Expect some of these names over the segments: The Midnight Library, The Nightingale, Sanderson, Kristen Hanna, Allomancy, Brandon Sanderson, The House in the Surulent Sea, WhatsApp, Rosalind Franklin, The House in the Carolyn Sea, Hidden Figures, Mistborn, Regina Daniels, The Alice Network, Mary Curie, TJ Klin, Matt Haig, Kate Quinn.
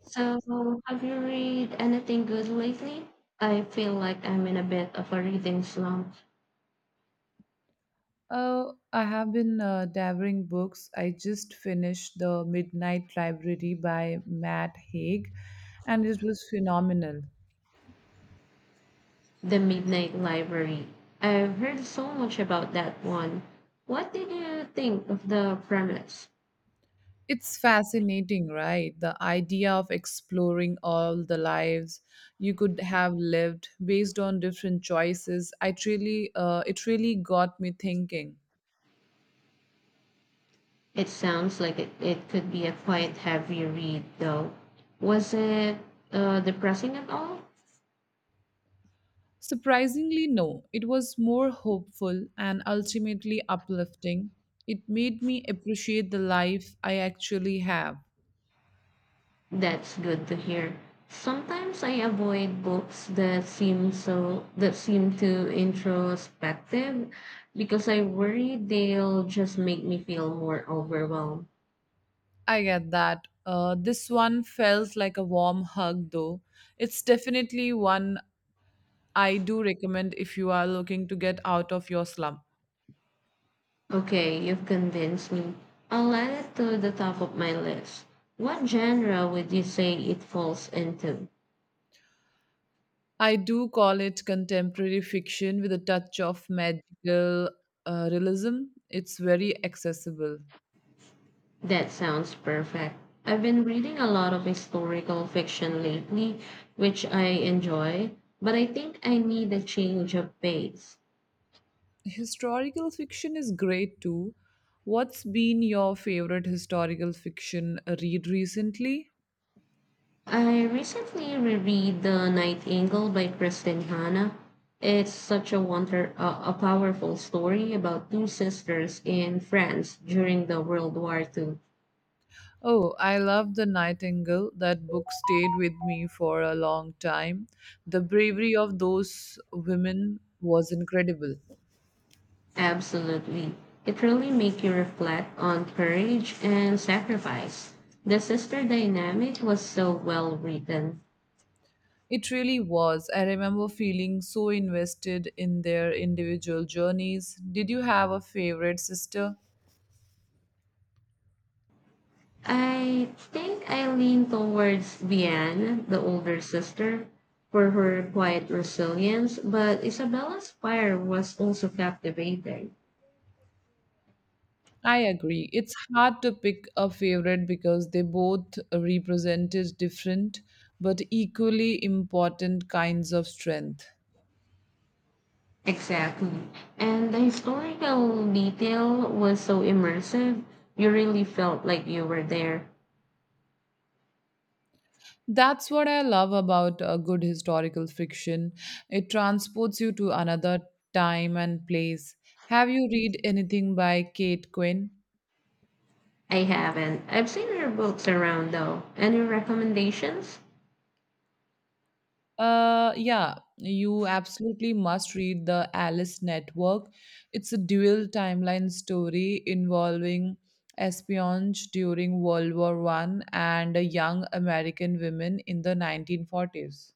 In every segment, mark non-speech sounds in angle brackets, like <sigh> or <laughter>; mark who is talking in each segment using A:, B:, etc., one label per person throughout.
A: So, have you read anything good lately? I feel like I'm in a bit of a reading slump.
B: I have been devouring books. I just finished The Midnight Library by Matt Haig, and it was phenomenal.
A: The Midnight Library. I've heard so much about that one. What did you think of the premise?
B: It's fascinating, right? The idea of exploring all the lives you could have lived based on different choices. It really got me thinking.
A: It sounds like it could be a quite heavy read, though. Was it depressing at all?
B: Surprisingly, no. It was more hopeful and ultimately uplifting. It made me appreciate the life I actually have.
A: That's good to hear. Sometimes I avoid books that seem so that seem too introspective because I worry they'll just make me feel more overwhelmed.
B: I get that. This one felt like a warm hug, though. It's definitely one I do recommend if you are looking to get out of your slump.
A: Okay, you've convinced me. I'll add it to the top of my list. What genre would you say it falls into?
B: I do call it contemporary fiction with a touch of magical realism. It's very accessible.
A: That sounds perfect. I've been reading a lot of historical fiction lately, which I enjoy, but I think I need a change of pace.
B: Historical fiction is great too. What's been your favorite historical fiction read recently?
A: I recently reread The Nightingale by Kristen Hanna. It's such a a powerful story about two sisters in France during the World War II.
B: Oh, I love The Nightingale. That book stayed with me for a long time. The bravery of those women was incredible.
A: Absolutely. It really makes you reflect on courage and sacrifice. The sister dynamic was so well written.
B: It really was. I remember feeling so invested in their individual journeys. Did you have a favorite sister?
A: I think I lean towards Bian, the older sister, for her quiet resilience, but Isabella's fire was also captivating.
B: I agree. It's hard to pick a favorite because they both represented different but equally important kinds of strength.
A: Exactly. And the historical detail was so immersive, you really felt like you were there.
B: That's what I love about a good historical fiction. It transports you to another time and place. Have you read anything by Kate Quinn?
A: I haven't. I've seen your books around though. Any recommendations?
B: Yeah, you absolutely must read The Alice Network. It's a dual timeline story involving espionage during World War One and a young American women in the 1940s.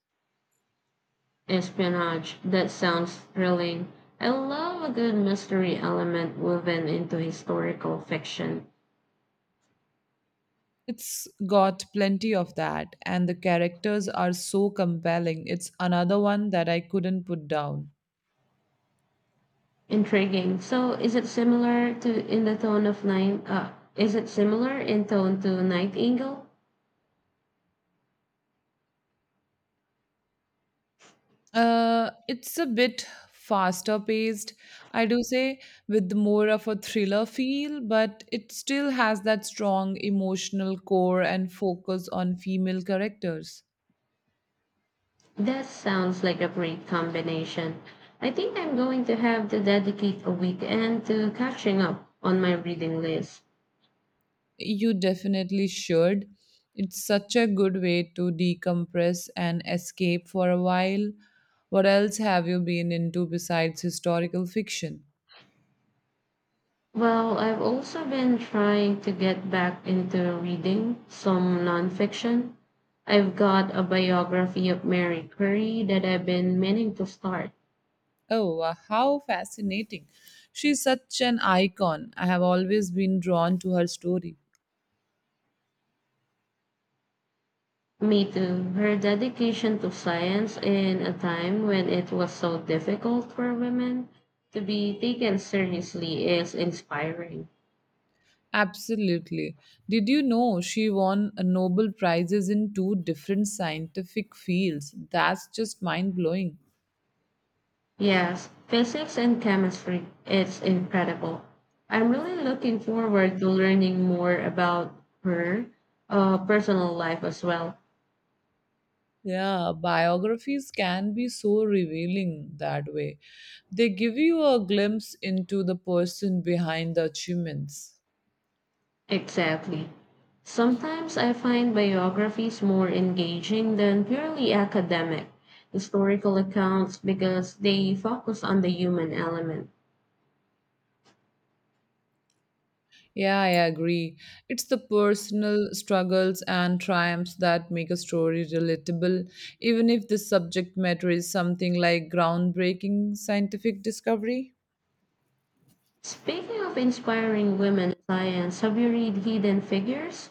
A: Espionage. That sounds thrilling. I love a good mystery element woven into historical fiction.
B: It's got plenty of that, and the characters are so compelling. It's another one that I couldn't put down.
A: Intriguing. So, is it similar to in the tone of Nine? Is it similar in tone to Nightingale?
B: It's a bit faster paced, I do say, with more of a thriller feel, but it still has that strong emotional core and focus on female characters.
A: That sounds like a great combination. I think I'm going to have to dedicate a weekend to catching up on my reading list.
B: You definitely should. It's such a good way to decompress and escape for a while. What else have you been into besides historical fiction?
A: Well, I've also been trying to get back into reading some nonfiction. I've got a biography of Mary Curie that I've been meaning to start.
B: Oh, how fascinating. She's such an icon. I have always been drawn to her story.
A: Me too. Her dedication to science in a time when it was so difficult for women to be taken seriously is inspiring.
B: Absolutely. Did you know she won a Nobel Prizes in two different scientific fields? That's just mind blowing.
A: Yes, physics and chemistry, it's incredible. I'm really looking forward to learning more about her personal life as well.
B: Yeah, biographies can be so revealing that way. They give you a glimpse into the person behind the achievements.
A: Exactly. Sometimes I find biographies more engaging than purely academic historical accounts because they focus on the human element.
B: Yeah, I agree. It's the personal struggles and triumphs that make a story relatable, even if the subject matter is something like groundbreaking scientific discovery.
A: Speaking of inspiring women in science, have you read Hidden Figures?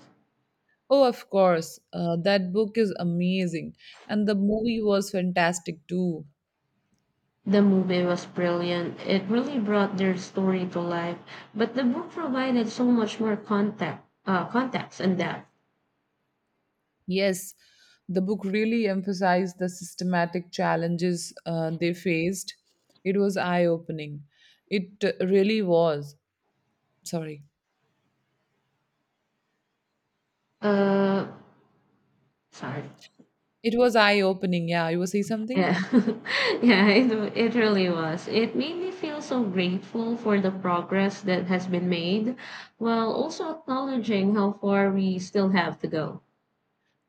B: Oh, of course, that book is amazing, and the movie was fantastic too.
A: The movie was brilliant. It really brought their story to life, but the book provided so much more context and depth.
B: Yes, the book really emphasized the systematic challenges they faced. It was eye opening. It really was. Sorry.
A: Uh, sorry.
B: It was eye opening. Yeah, you were saying something?
A: Yeah, <laughs> yeah, it really was. It made me feel so grateful for the progress that has been made, while also acknowledging how far we still have to go.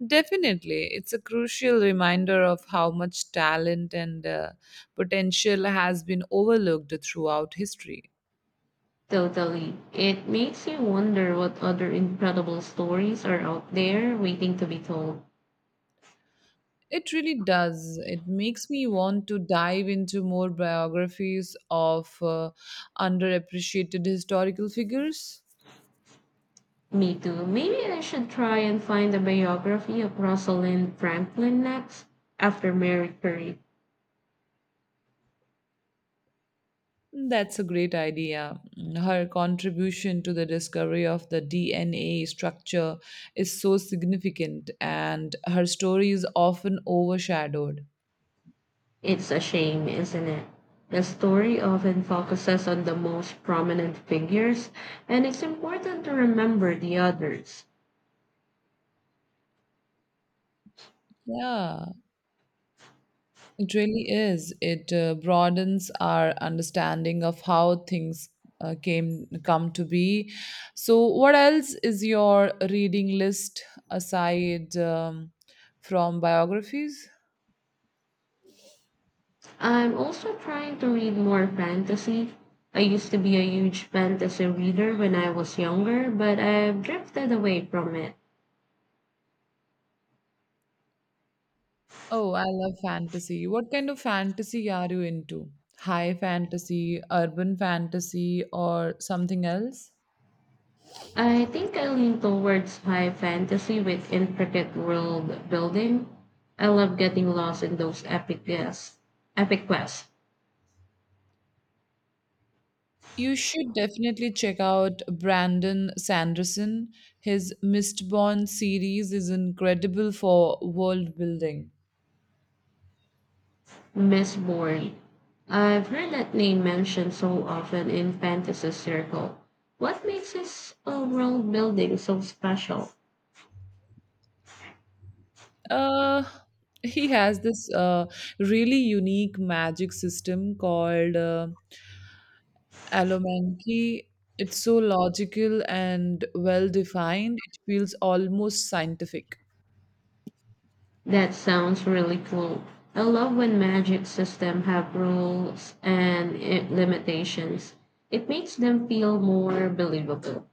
B: Definitely. It's a crucial reminder of how much talent and potential has been overlooked throughout history.
A: Totally. It makes you wonder what other incredible stories are out there waiting to be told.
B: It really does. It makes me want to dive into more biographies of underappreciated historical figures.
A: Me too. Maybe I should try and find a biography of Rosalind Franklin next after Mary Curie.
B: That's a great idea. Her contribution to the discovery of the DNA structure is so significant, and her story is often overshadowed.
A: It's a shame, isn't it? The story often focuses on the most prominent figures, and it's important to remember the others.
B: Yeah, it really is. It broadens our understanding of how things came come to be. So, what else is your reading list aside from biographies?
A: I'm also trying to read more fantasy. I used to be a huge fantasy reader when I was younger, but I've drifted away from it.
B: Oh, I love fantasy. What kind of fantasy are you into? High fantasy, urban fantasy, or something else?
A: I think I lean towards high fantasy with intricate world building. I love getting lost in those epic quests. Epic quests.
B: You should definitely check out Brandon Sanderson. His Mistborn series is incredible for world building.
A: Miss Bourne. I've heard that name mentioned so often in fantasy circle. What makes this world building so special?
B: Uh, he has this really unique magic system called Allomancy. It's so logical and well defined, it feels almost scientific.
A: That sounds really cool. I love when magic systems have rules and limitations. It makes them feel more believable.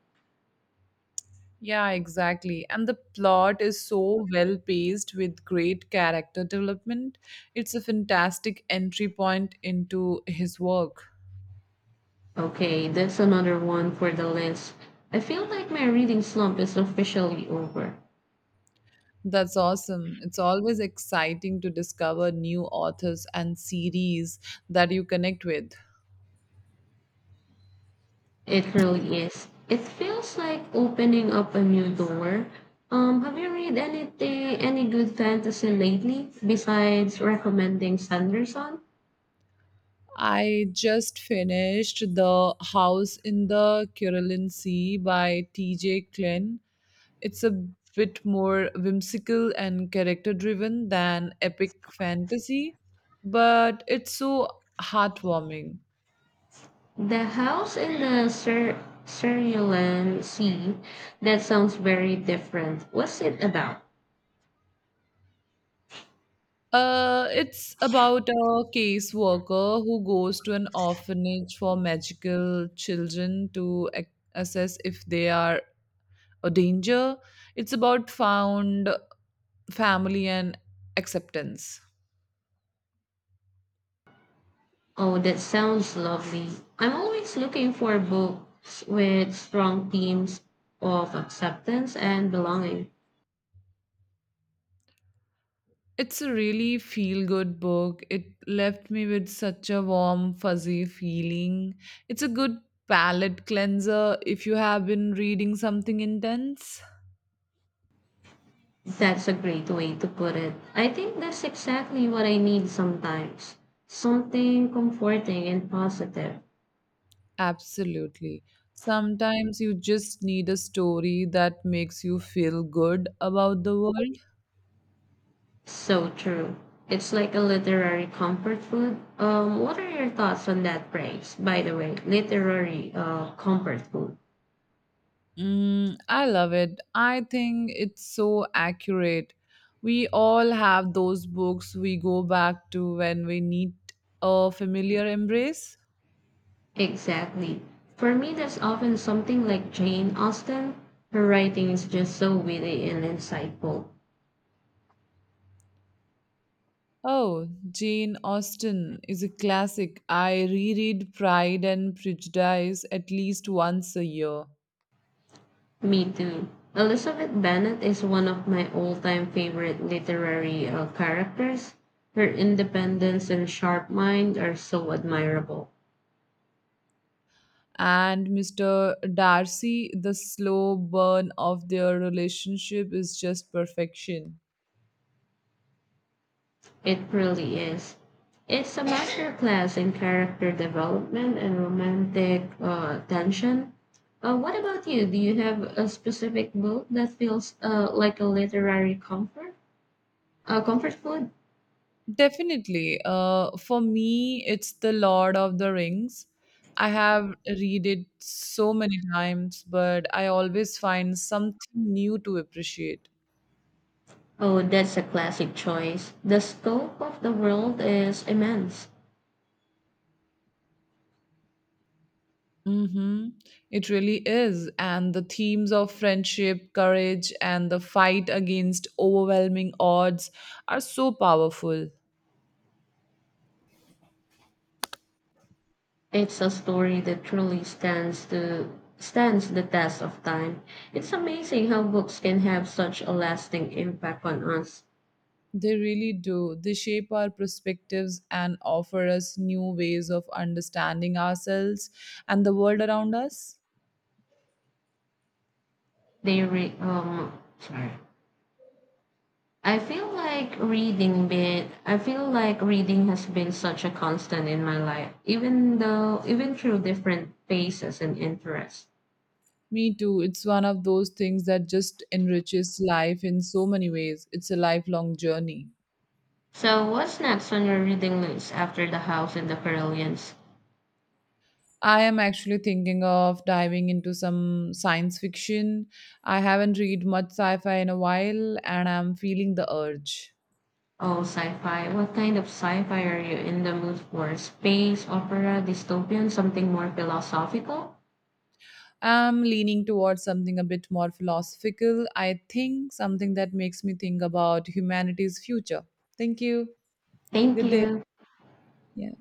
B: Yeah, exactly. And the plot is so well paced with great character development. It's a fantastic entry point into his work.
A: Okay, that's another one for the list. I feel like my reading slump is officially over.
B: That's awesome. It's always exciting to discover new authors and series that you connect with.
A: It really is. It feels like opening up a new door. Have you any good fantasy lately besides recommending Sanderson?
B: I just finished The House in the Carolyn Sea by TJ Klin. It's a bit more whimsical and character driven than epic fantasy, but it's so heartwarming.
A: The House in the Sur- Surulent Sea. That sounds very different. What's it about?
B: It's about a caseworker who goes to an orphanage for magical children to assess if they are a danger. It's about found family and acceptance.
A: Oh, that sounds lovely. I'm always looking for books with strong themes of acceptance and belonging.
B: It's a really feel good book. It left me with such a warm, fuzzy feeling. It's a good palate cleanser if you have been reading something intense.
A: That's a great way to put it. I think that's exactly what I need sometimes. Something comforting and positive.
B: Absolutely. Sometimes you just need a story that makes you feel good about the world.
A: So true. It's like a literary comfort food. What are your thoughts on that phrase, by the way? Literary comfort food.
B: Mm, I love it. I think it's so accurate. We all have those books we go back to when we need a familiar embrace.
A: Exactly. For me, that's often something like Jane Austen. Her writing is just so witty and insightful.
B: Oh, Jane Austen is a classic. I reread Pride and Prejudice at least once a year.
A: Me too. Elizabeth Bennet is one of my all-time favorite literary characters. Her independence and sharp mind are so admirable.
B: And Mr. Darcy, the slow burn of their relationship is just perfection.
A: It really is. It's a masterclass in character development and romantic tension. What about you? Do you have a specific book that feels like a literary comfort food?
B: Definitely. For me, it's The Lord of the Rings. I have read it so many times, but I always find something new to appreciate.
A: Oh, that's a classic choice. The scope of the world is immense.
B: Mm-hmm. It really is. And the themes of friendship, courage, and the fight against overwhelming odds are so powerful.
A: It's a story that truly stands the test of time. It's amazing how books can have such a lasting impact on us.
B: They really do. They shape our perspectives and offer us new ways of understanding ourselves and the world around us.
A: Sorry. I feel like reading has been such a constant in my life, even through different phases and interests.
B: Me too. It's one of those things that just enriches life in so many ways. It's a lifelong journey.
A: So what's next on your reading list after The House in the Carillions?
B: I am actually thinking of diving into some science fiction. I haven't read much sci-fi in a while and I'm feeling the urge.
A: Oh, sci-fi. What kind of sci-fi are you in the mood for? Space, opera, dystopian, something more philosophical?
B: I'm leaning towards something a bit more philosophical, I think, something that makes me think about humanity's future. Thank you.
A: Thank
B: Good day.
A: you.
B: Yeah.